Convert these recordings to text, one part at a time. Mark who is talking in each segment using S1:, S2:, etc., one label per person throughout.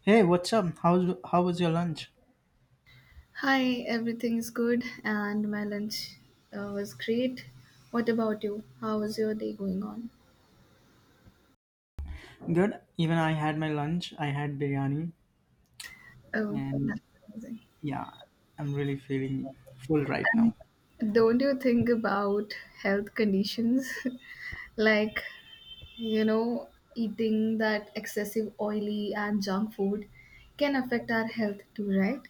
S1: Hey, what's up? How was your lunch?
S2: Hi, everything is good, and my lunch was great. What about you? How is your day going on?
S1: Good. Even I had my lunch. I had biryani,
S2: Oh,
S1: and
S2: that's amazing.
S1: yeah, I'm really feeling full right
S2: And
S1: now.
S2: don't you think about health conditions? Like, you know, eating that excessive oily and junk food can affect our health too, right?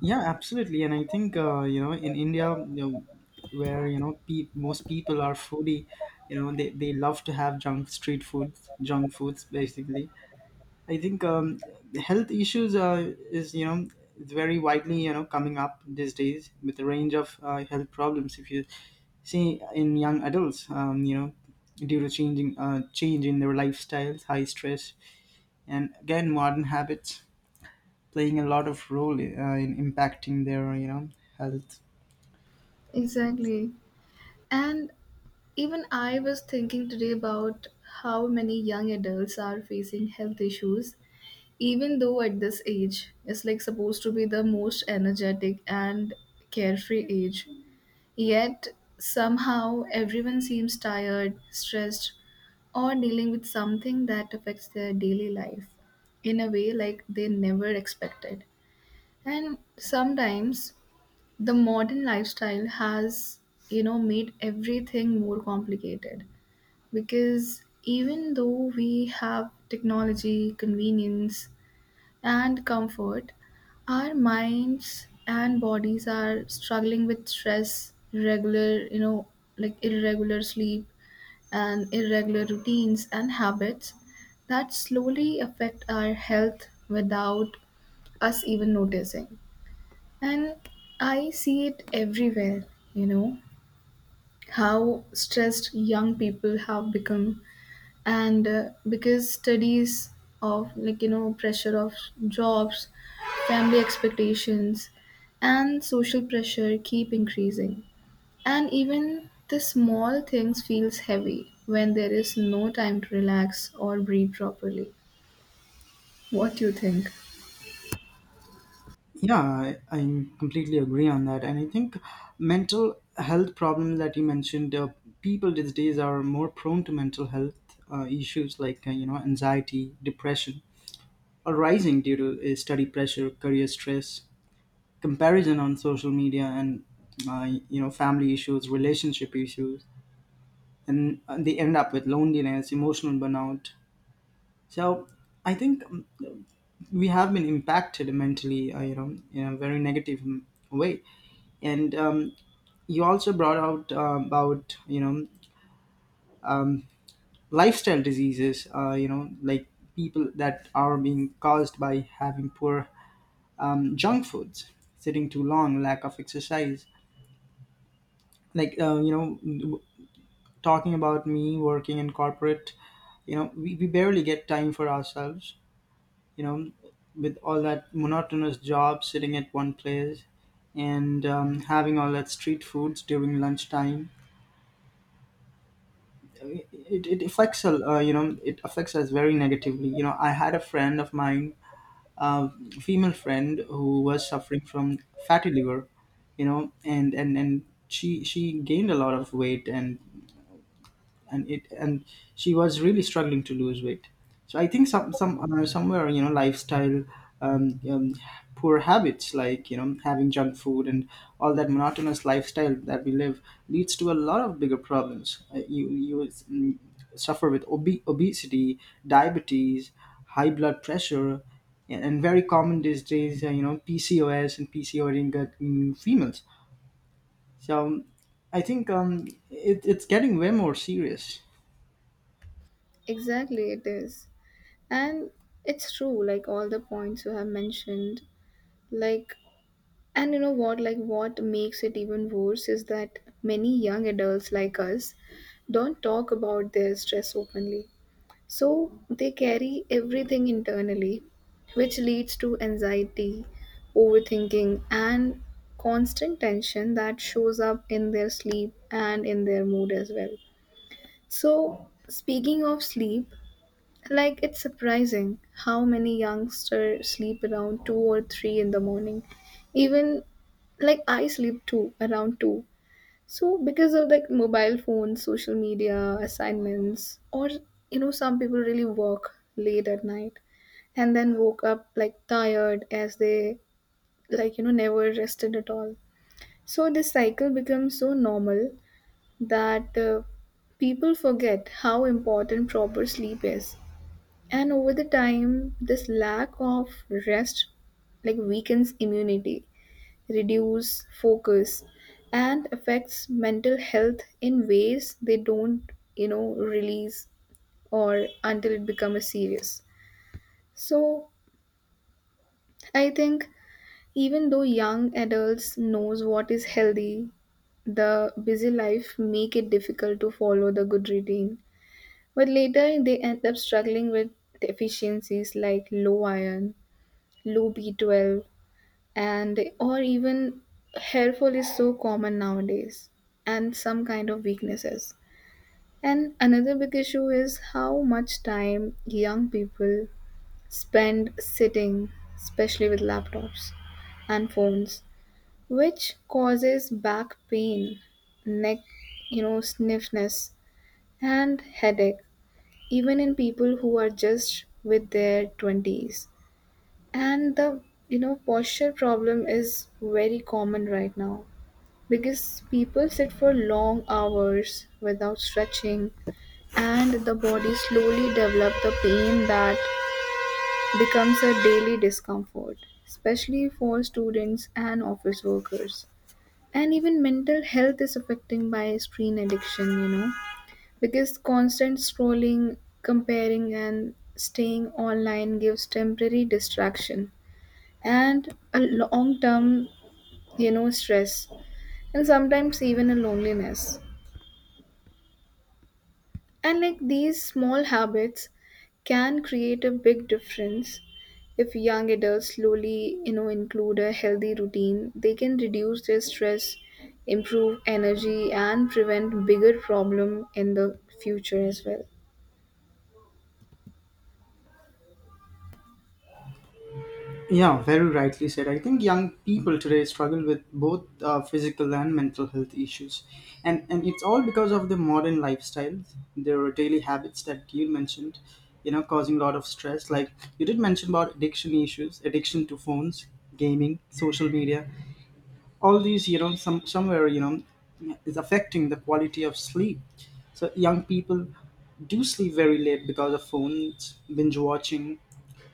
S1: Yeah, absolutely. And I think in India, where most people are foodie, they love to have junk street foods, junk foods basically. I think health issues is very widely coming up these days with a range of health problems. If you see in young adults, due to changing change in their lifestyles, high stress, and again modern habits playing a lot of role in impacting their health.
S2: Exactly. And even I was thinking today about how many young adults are facing health issues, even though at this age it's like supposed to be the most energetic and carefree age. Yet somehow everyone seems tired, stressed, or dealing with something that affects their daily life in a way like they never expected. And sometimes the modern lifestyle has, you know, made everything more complicated, because even though we have technology, convenience, and comfort, our minds and bodies are struggling with stress, regular, you know, like irregular sleep and irregular routines and habits that slowly affect our health without us even noticing. And I see it everywhere, you know, how stressed young people have become. And because studies of, like, you know, pressure of jobs, family expectations, and social pressure keep increasing. And even the small things feels heavy when there is no time to relax or breathe properly. What do you think?
S1: Yeah, I completely agree on that. And I think mental health problem that you mentioned, people these days are more prone to mental health issues like, anxiety, depression are rising due to study pressure, career stress, comparison on social media, and family issues, relationship issues. And they end up with loneliness, emotional burnout. So I think we have been impacted mentally, in a very negative way. And you also brought out about um, lifestyle diseases like people that are being caused by having poor junk foods, sitting too long, lack of exercise. Like, talking about me working in corporate, we barely get time for ourselves, you know with all that monotonous job sitting at one place and having all that street foods during lunchtime, it affects a you know it affects us very negatively. You know, I had a friend of mine, a female friend who was suffering from fatty liver. You know, and she gained a lot of weight, and she was really struggling to lose weight. So I think somewhere you know lifestyle, um, um, poor habits like you know having junk food and all that monotonous lifestyle that we live leads to a lot of bigger problems. Uh, you you mm, suffer with obesity, diabetes, high blood pressure, and very common these days you know PCOS and PCOD in females. So I think it's getting way more serious.
S2: Exactly, it is. And it's true, like all the points you have mentioned, like, and you know what, like what makes it even worse is that many young adults like us don't talk about their stress openly. So they carry everything internally, which leads to anxiety, overthinking, and constant tension that shows up in their sleep and in their mood as well. So, speaking of sleep, like, it's surprising how many youngsters sleep around 2 or 3 in the morning. Even like I sleep too around 2. So, because of like mobile phones, social media, assignments, or you know, some people really work late at night and then woke up like tired as they like you know never rested at all. So, this cycle becomes so normal that people forget how important proper sleep is, and over the time this lack of rest like weakens immunity, reduce focus, and affects mental health in ways they don't you know release, or until it becomes serious. So I think even though young adults knows what is healthy, the busy life make it difficult to follow the good routine, but later they end up struggling with deficiencies like low iron, low B12, and or even hair fall is so common nowadays, and some kind of weaknesses. And another big issue is how much time young people spend sitting, especially with laptops and phones, which causes back pain, neck, you know, stiffness, and headache, even in people who are just with their 20s. And the, you know, posture problem is very common right now, because people sit for long hours without stretching, and the body slowly develop the pain that becomes a daily discomfort, especially for students and office workers. And even mental health is affecting by screen addiction, you know, because constant scrolling, comparing, and staying online gives temporary distraction and a long term, you know, stress, and sometimes even a loneliness. And like these small habits can create a big difference. If young adults slowly, you know, include a healthy routine, they can reduce their stress, improve energy, and prevent bigger problem in the future as well.
S1: Yeah, very rightly said. I think young people today struggle with both physical and mental health issues, and it's all because of the modern lifestyle, their daily habits that you mentioned, you know, causing a lot of stress. Like, you did mention about addiction issues, addiction to phones, gaming, social media, all these, you know, some somewhere, you know, is affecting the quality of sleep. So young people do sleep very late because of phones, binge watching,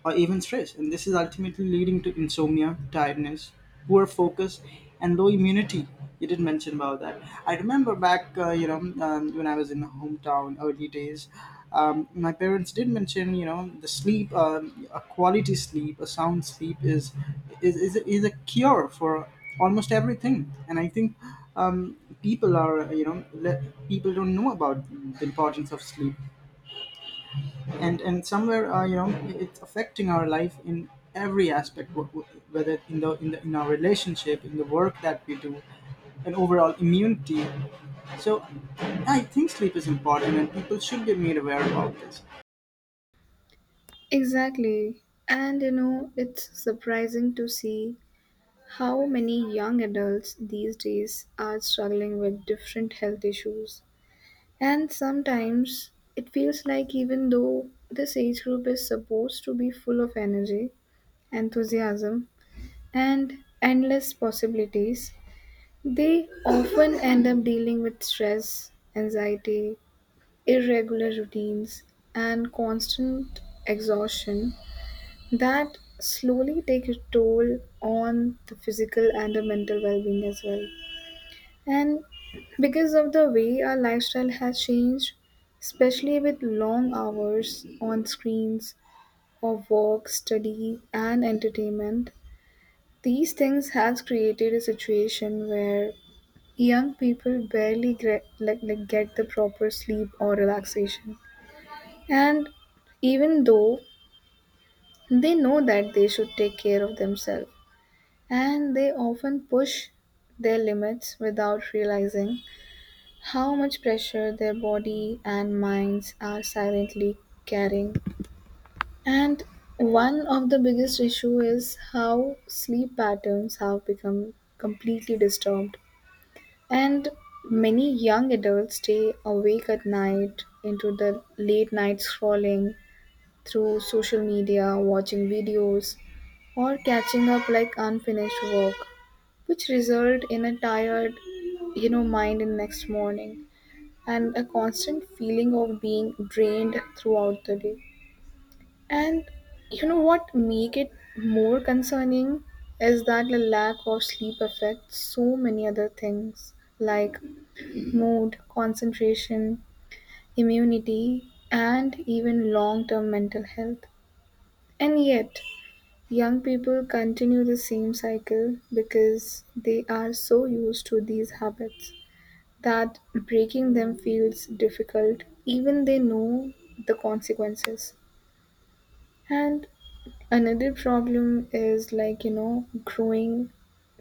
S1: or even stress, and this is ultimately leading to insomnia, tiredness, poor focus, and low immunity. You did mention about that. I remember back, you know, when I was in hometown early days, my parents did mention, you know, the sleep, a quality sleep, a sound sleep is a cure for almost everything. And I think um, people are, you know, people don't know about the importance of sleep. And somewhere you know it's affecting our life in every aspect, whether in the in the in our relationship, in the work that we do, and overall immunity. So I think sleep is important and people should be made aware about this.
S2: Exactly. And you know, it's surprising to see how many young adults these days are struggling with different health issues. And sometimes it feels like even though this age group is supposed to be full of energy, enthusiasm, and endless possibilities, they often end up dealing with stress, anxiety, irregular routines, and constant exhaustion that slowly take a toll on the physical and the mental well-being as well. And because of the way our lifestyle has changed, especially with long hours on screens of work, study, and entertainment, these things has created a situation where young people barely get, like get the proper sleep or relaxation. And even though they know that they should take care of themselves, and they often push their limits without realizing how much pressure their body and minds are silently carrying. And one of the biggest issue is how sleep patterns have become completely disturbed. And many young adults stay awake at night into the late night scrolling through social media, watching videos, or catching up like unfinished work, which result in a tired, you know, mind in next morning and a constant feeling of being drained throughout the day. And you know what make it more concerning is that the lack of sleep affects so many other things like mood, concentration, immunity, and even long-term mental health. And yet, young people continue the same cycle because they are so used to these habits that breaking them feels difficult, even they know the consequences. And another problem is like, you know, growing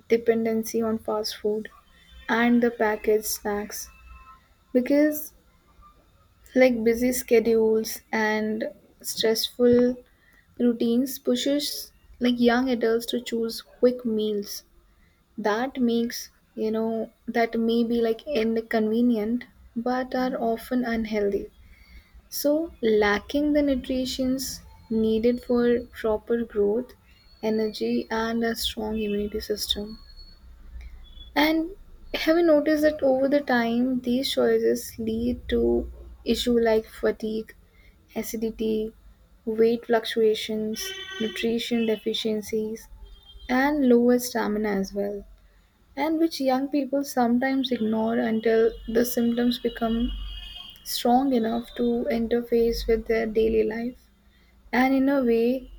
S2: dependency on fast food and the packaged snacks, because like busy schedules and stressful routines pushes like young adults to choose quick meals that makes you know that may be like inconvenient but are often unhealthy, so lacking the nutrients needed for proper growth, energy, and a strong immunity system. And have you noticed that over the time these choices lead to issue like fatigue, acidity, weight fluctuations, nutrition deficiencies, and lower stamina as well, and which young people sometimes ignore until the symptoms become strong enough to interface with their daily life and in a way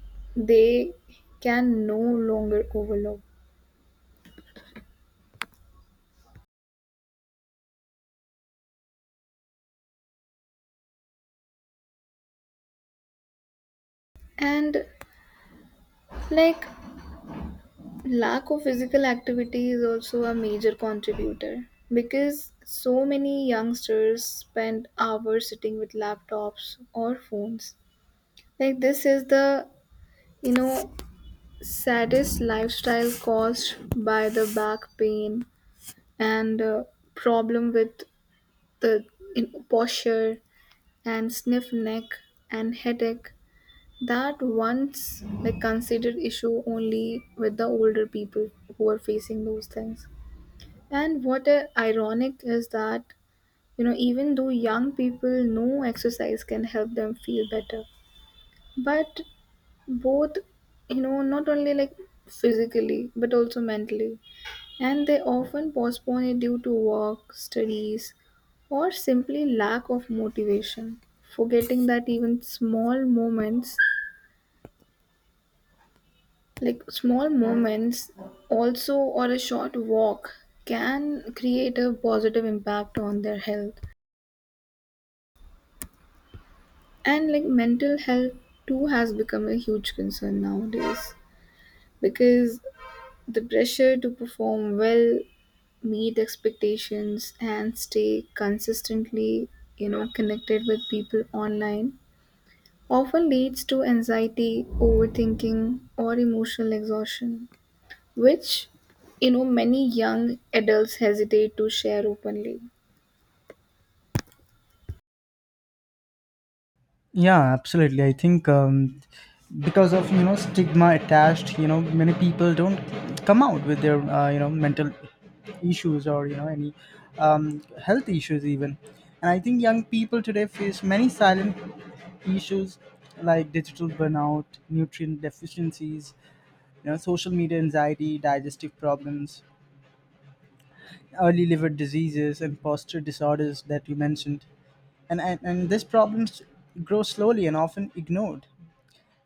S2: they can no longer overlook. And like lack of physical activity is also a major contributor, because so many youngsters spend hours sitting with laptops or phones, like this is the, you know, saddest lifestyle caused by the back pain and problem with the in posture and stiff neck and headache that once like considered issue only with the older people who are facing those things. And what ironic is that, you know, even though young people know exercise can help them feel better, but both, you know, not only like physically but also mentally, and they often postpone it due to work, studies, or simply lack of motivation, forgetting that even small moments, like small moments, also or a short walk, can create a positive impact on their health. And like mental health too has become a huge concern nowadays, because the pressure to perform well, meet expectations, and stay consistently, you know, connected with people online, often leads to anxiety, overthinking, or emotional exhaustion, which, you know, many young adults hesitate to share openly.
S1: Yeah, absolutely. I think because of you know stigma attached, you know many people don't come out with their you know mental issues or you know any um, health issues even. And I think young people today face many silent issues like digital burnout, nutrient deficiencies, you know, social media anxiety, digestive problems, early liver diseases, and posture disorders that you mentioned. And these problems grow slowly and often ignored.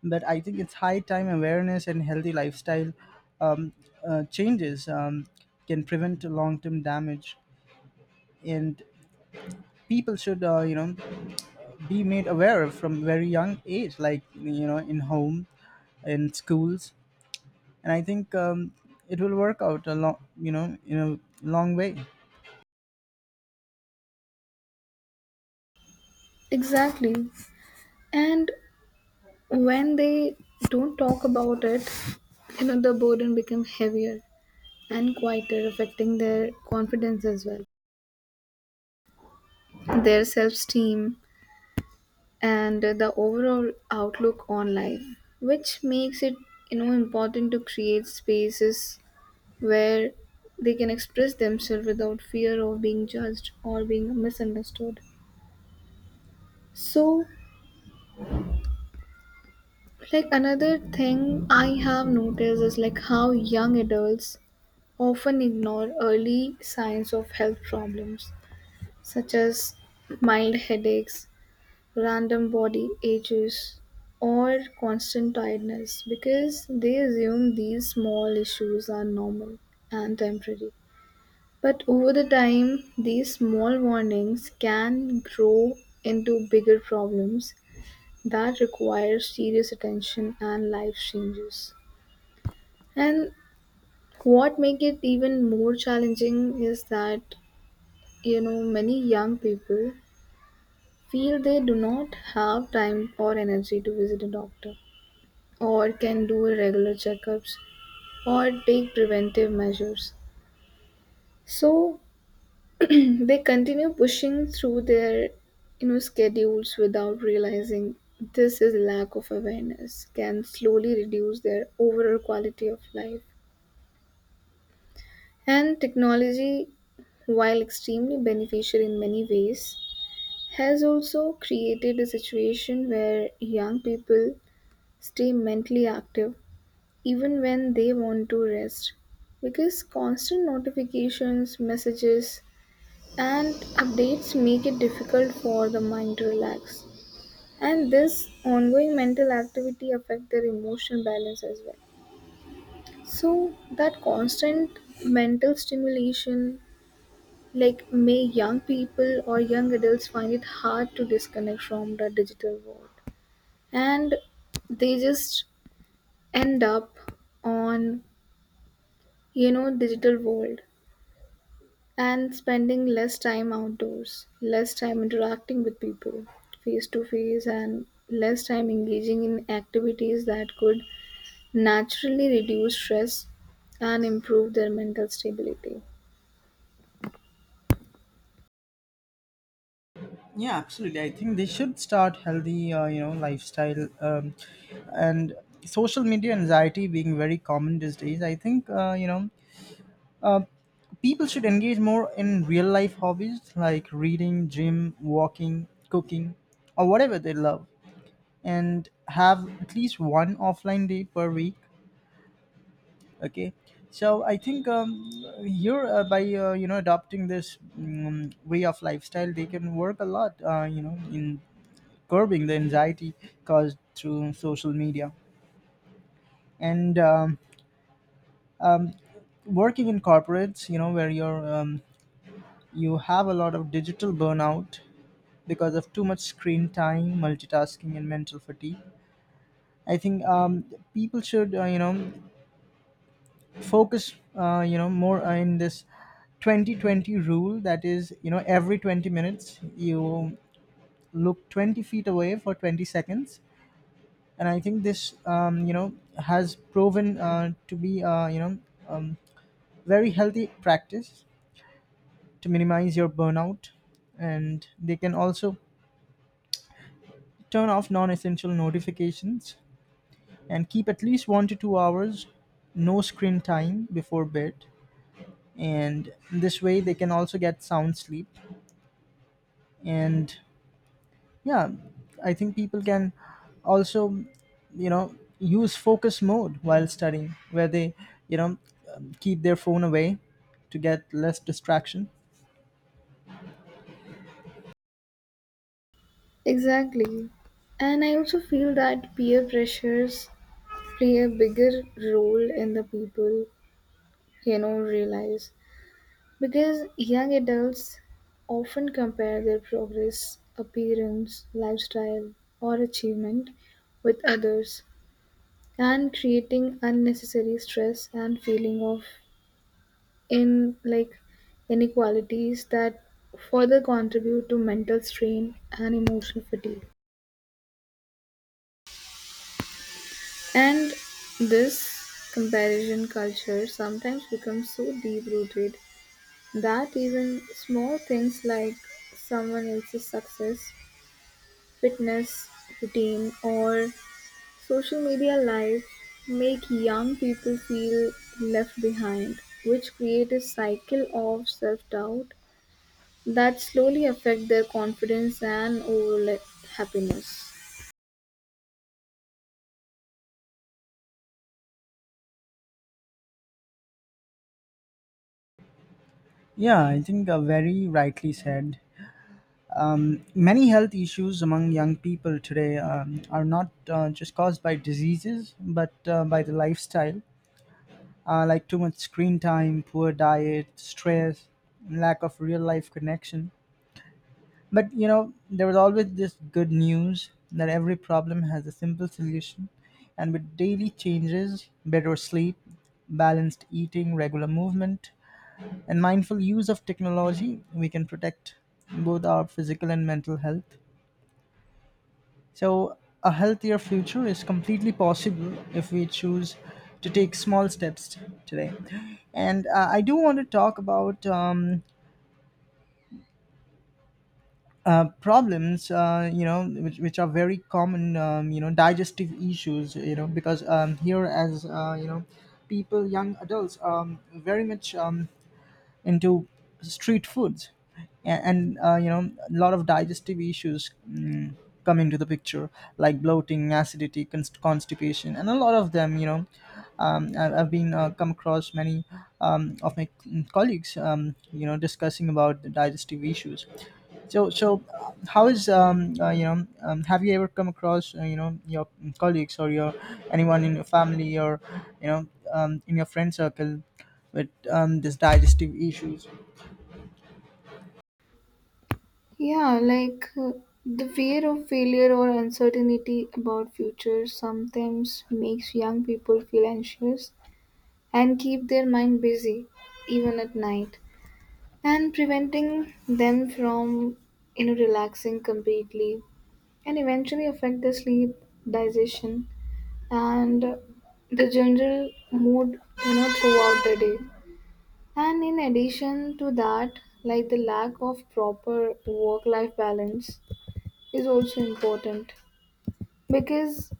S1: But I think it's high time awareness and healthy lifestyle um, changes can prevent long-term damage. And people should, you know, be made aware from very young age, like you know, in home, in schools. And I think it will work out a long, you know, in a long way.
S2: Exactly. And when they don't talk about it, you know, the burden becomes heavier and quieter, affecting their confidence as well, their self-esteem, and the overall outlook on life, which makes it, you know, important to create spaces where they can express themselves without fear of being judged or being misunderstood. So, like another thing I have noticed is like how young adults often ignore early signs of health problems, such as mild headaches, random body aches, or constant tiredness, because they assume these small issues are normal and temporary. But over the time, these small warnings can grow into bigger problems that require serious attention and life changes. And what make it even more challenging is that, you know, many young people feel they do not have time or energy to visit a doctor or can do regular checkups or take preventive measures. So they continue pushing through their, you know, schedules without realizing this is lack of awareness can slowly reduce their overall quality of life. And technology, while extremely beneficial in many ways, has also created a situation where young people stay mentally active even when they want to rest, because constant notifications, messages, and updates make it difficult for the mind to relax. And this ongoing mental activity affect their emotional balance as well. So that constant mental stimulation, like may young people or young adults find it hard to disconnect from the digital world, and they just end up on, you know, digital world, and spending less time outdoors, less time interacting with people face to face, and less time engaging in activities that could naturally reduce stress and improve their mental stability.
S1: Yeah, absolutely. I think they should start healthy, you know, lifestyle, and social media anxiety being very common these days. I think you know uh, people should engage more in real life hobbies like reading, gym, walking, cooking, or whatever they love, and have at least one offline day per week. Okay, so I think here, by you know adopting this way of lifestyle, they can work a lot you know in curbing the anxiety caused through social media. And working in corporates, you know where you're you have a lot of digital burnout because of too much screen time, multitasking and mental fatigue, I think people should you know focus you know more in this 20-20 rule, that is, you know, every 20 minutes you look 20 feet away for 20 seconds. And I think this you know has proven to be you know um, very healthy practice to minimize your burnout. And they can also turn off non-essential notifications and keep at least 1 to 2 hours no screen time before bed, and this way they can also get sound sleep. And yeah, I think people can also, you know, use focus mode while studying, where they, you know, keep their phone away to get less distraction.
S2: Exactly. And I also feel that peer pressures play a bigger role in the people, you know, realize. Because young adults often compare their progress, appearance, lifestyle, or achievement with others and creating unnecessary stress and feeling of in like inequalities that further contribute to mental strain and emotional fatigue. And this comparison culture sometimes becomes so deep rooted that even small things like someone else's success, fitness routine, or social media life make young people feel left behind, which create a cycle of self-doubt that slowly affect their confidence and overall happiness.
S1: Yeah, I think very rightly said. Many health issues among young people today are not just caused by diseases but by the lifestyle, like too much screen time, poor diet, stress, lack of real life connection. But you know, there was always this good news that every problem has a simple solution. And with daily changes, better sleep, balanced eating, regular movement, and mindful use of technology, we can protect both our physical and mental health. So, a healthier future is completely possible if we choose to take small steps today. And I do want to talk about problems, you know, which are very common, you know digestive issues. You know, because here as you know, people, young adults very much into street foods. A- and You know, a lot of digestive issues come into the picture, like bloating, acidity, constipation, and a lot of them, you know, I've been come across many of my colleagues, you know, discussing about the digestive issues. So, how is have you ever come across, you know, your colleagues or your anyone in your family or you know in your friend circle with this digestive issues?
S2: Yeah, like the fear of failure or uncertainty about future sometimes makes young people feel anxious and keep their mind busy even at night, and preventing them from, you know, relaxing completely and eventually affect the sleep, digestion, and the general mood, you know, throughout the day. And in addition to that, like the lack of proper work life balance is also important, because,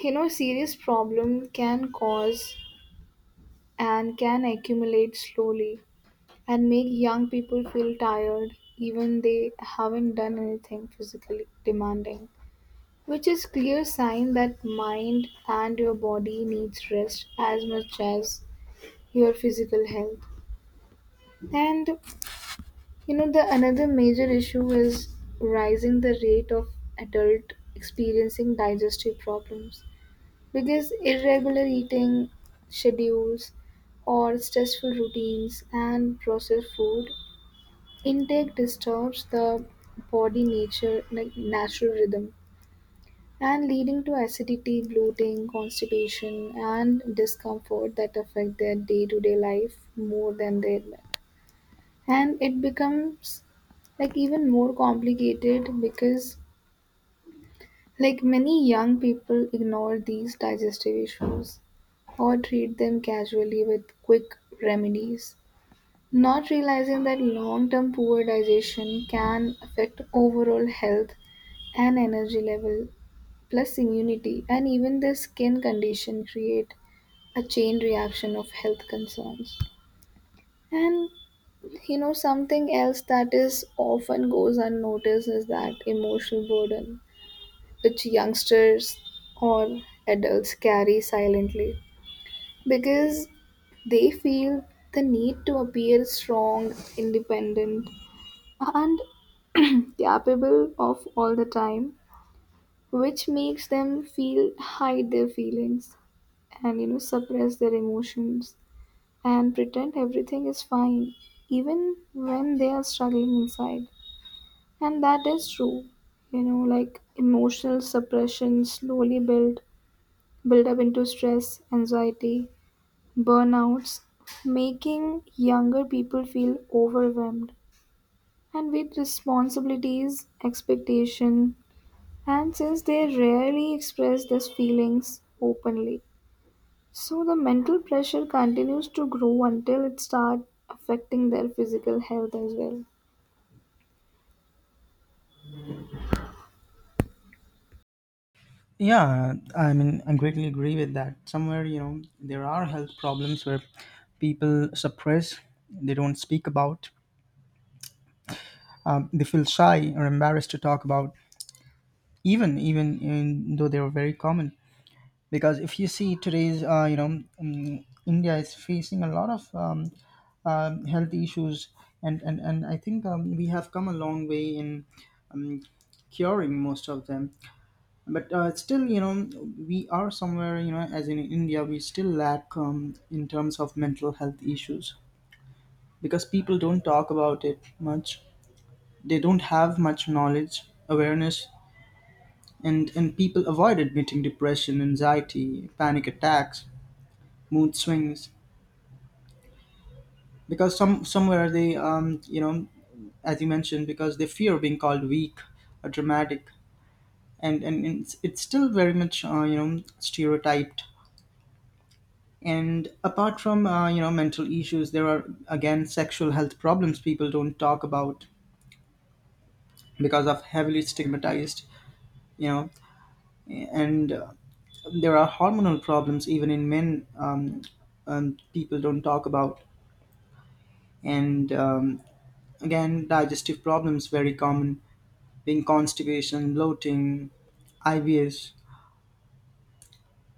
S2: you know, serious problem can cause and can accumulate slowly and make young people feel tired even they haven't done anything physically demanding, which is clear sign that mind and your body needs rest as much as your physical health. And you know the another major issue is rising the rate of adult experiencing digestive problems, because irregular eating schedules or stressful routines and processed food intake disturbs the body nature like natural rhythm and leading to acidity, bloating, constipation, and discomfort that affect their day-to-day life more than they admit. And it becomes like even more complicated because like many young people ignore these digestive issues or treat them casually with quick remedies, not realizing that long term poor digestion can affect overall health and energy level plus immunity and even their skin condition create a chain reaction of health concerns. And you know something else that is often goes unnoticed is that emotional burden which youngsters or adults carry silently, because they feel the need to appear strong, independent, and capable of all the time, which makes them feel hide their feelings and, you know, suppress their emotions and pretend everything is fine even when they are struggling inside. And that is true, you know, like emotional suppression slowly build up into stress, anxiety, burnouts, making younger people feel overwhelmed and with responsibilities, expectation. And since they rarely express these feelings openly, so the mental pressure continues to grow until it starts affecting their physical health as well.
S1: Yeah, I mean, I greatly agree with that. Somewhere, you know, there are health problems where people suppress, they don't speak about, they feel shy or embarrassed to talk about, even in, though they are very common. Because if you see today's, you know, India is facing a lot of health issues. And I think we have come a long way in um, curing most of them. But still, you know, we are somewhere, you know, as in India we still lack in terms of mental health issues, because people don't talk about it much, they don't have much knowledge, awareness. And people avoid admitting depression, anxiety, panic attacks, mood swings, because some somewhere they, you know, as you mentioned, because they fear being called weak or dramatic. And it's still very much you know stereotyped. And apart from you know mental issues, there are again sexual health problems people don't talk about because of heavily stigmatized, you know. And there are hormonal problems even in men, people don't talk about. And again digestive problems very common, being constipation, bloating, IBS.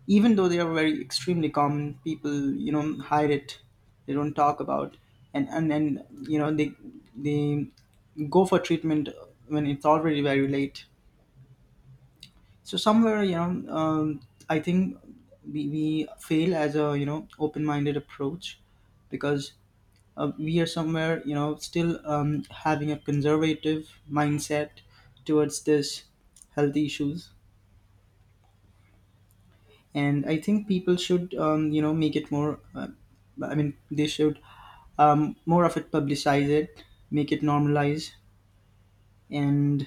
S1: Even though they are very extremely common, people you know hide it. They don't talk about. And you know they go for treatment when it's already very late. So somewhere, you know, I think we fail as a you know open-minded approach, because we are somewhere, you know, still having a conservative mindset towards this health issues. And I think people should you know make it more, I mean they should more of it, publicize it, make it normalize, and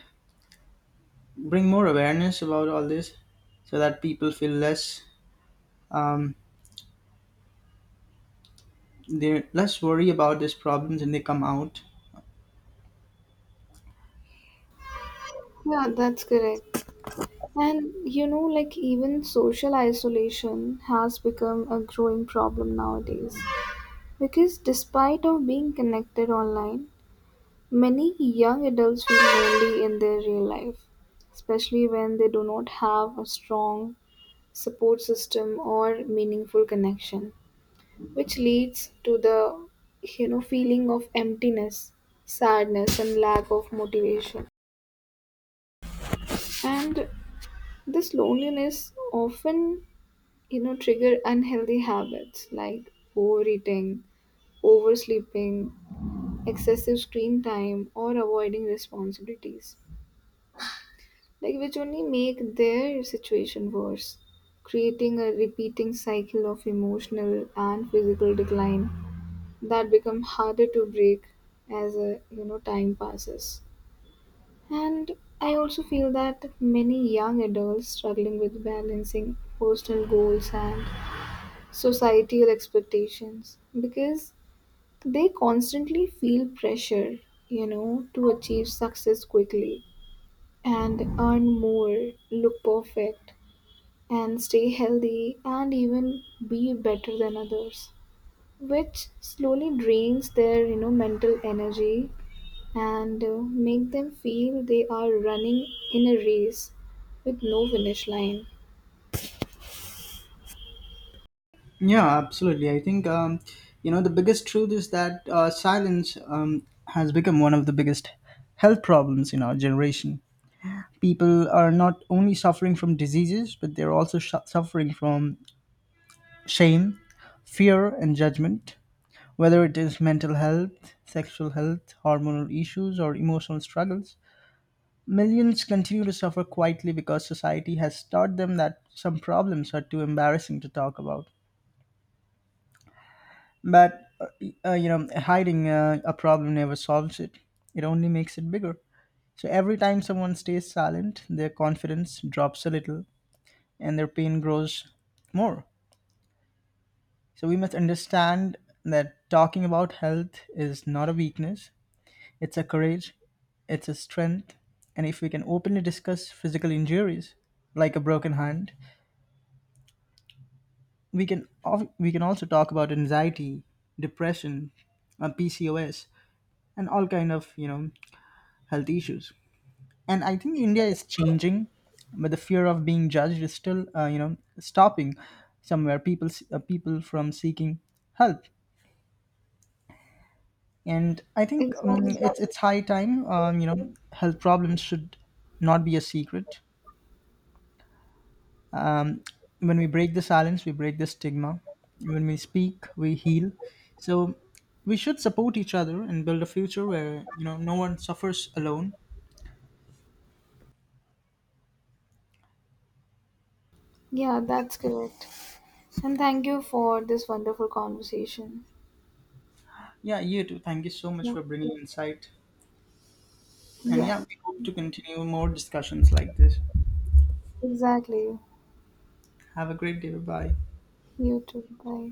S1: bring more awareness about all this, so that people feel less um, they're less worry about these problems and they come out.
S2: Yeah, that's correct. And you know, like even social isolation has become a growing problem nowadays, because despite of being connected online, many young adults feel lonely in their real life, especially when they do not have a strong support system or meaningful connection, which leads to the, you know, feeling of emptiness, sadness, and lack of motivation. And this loneliness often, you know, trigger unhealthy habits like overeating, oversleeping, excessive screen time, or avoiding responsibilities, like which only make their situation worse, creating a repeating cycle of emotional and physical decline that become harder to break as a, you know, time passes. And I also feel that many young adults struggling with balancing personal goals and societal expectations, because they constantly feel pressure, you know, to achieve success quickly and earn more, look perfect, and stay healthy and even be better than others, which slowly drains their, you know, mental energy and make them feel they are running in a race with no finish line.
S1: Yeah, absolutely. I think you know the biggest truth is that silence has become one of the biggest health problems in our generation. People are not only suffering from diseases but they're also suffering from shame, fear, and judgment, whether it is mental health, sexual health, hormonal issues, or emotional struggles. Millions continue to suffer quietly because society has taught them that some problems are too embarrassing to talk about. But, you know, hiding a problem never solves it, it only makes it bigger. So every time someone stays silent, their confidence drops a little and their pain grows more. So we must understand that talking about health is not a weakness, it's a courage, it's a strength. And if we can openly discuss physical injuries like a broken hand, we can also talk about anxiety, depression, PCOS, and all kind of you know health issues. And I think India is changing, but the fear of being judged is still you know stopping somewhere people from seeking help. And I think
S2: Exactly.
S1: it's high time you know health problems should not be a secret. um, when we break the silence we break the stigma, when we speak we heal. So we should support each other and build a future where you know no one suffers alone.
S2: Yeah, that's correct, and thank you for this wonderful conversation.
S1: Yeah, you too, thank you so much
S2: Yeah,
S1: for bringing insight. And
S2: yeah.
S1: yeah, we hope to continue more discussions like this.
S2: Exactly.
S1: Have a great day. Bye.
S2: You too, bye.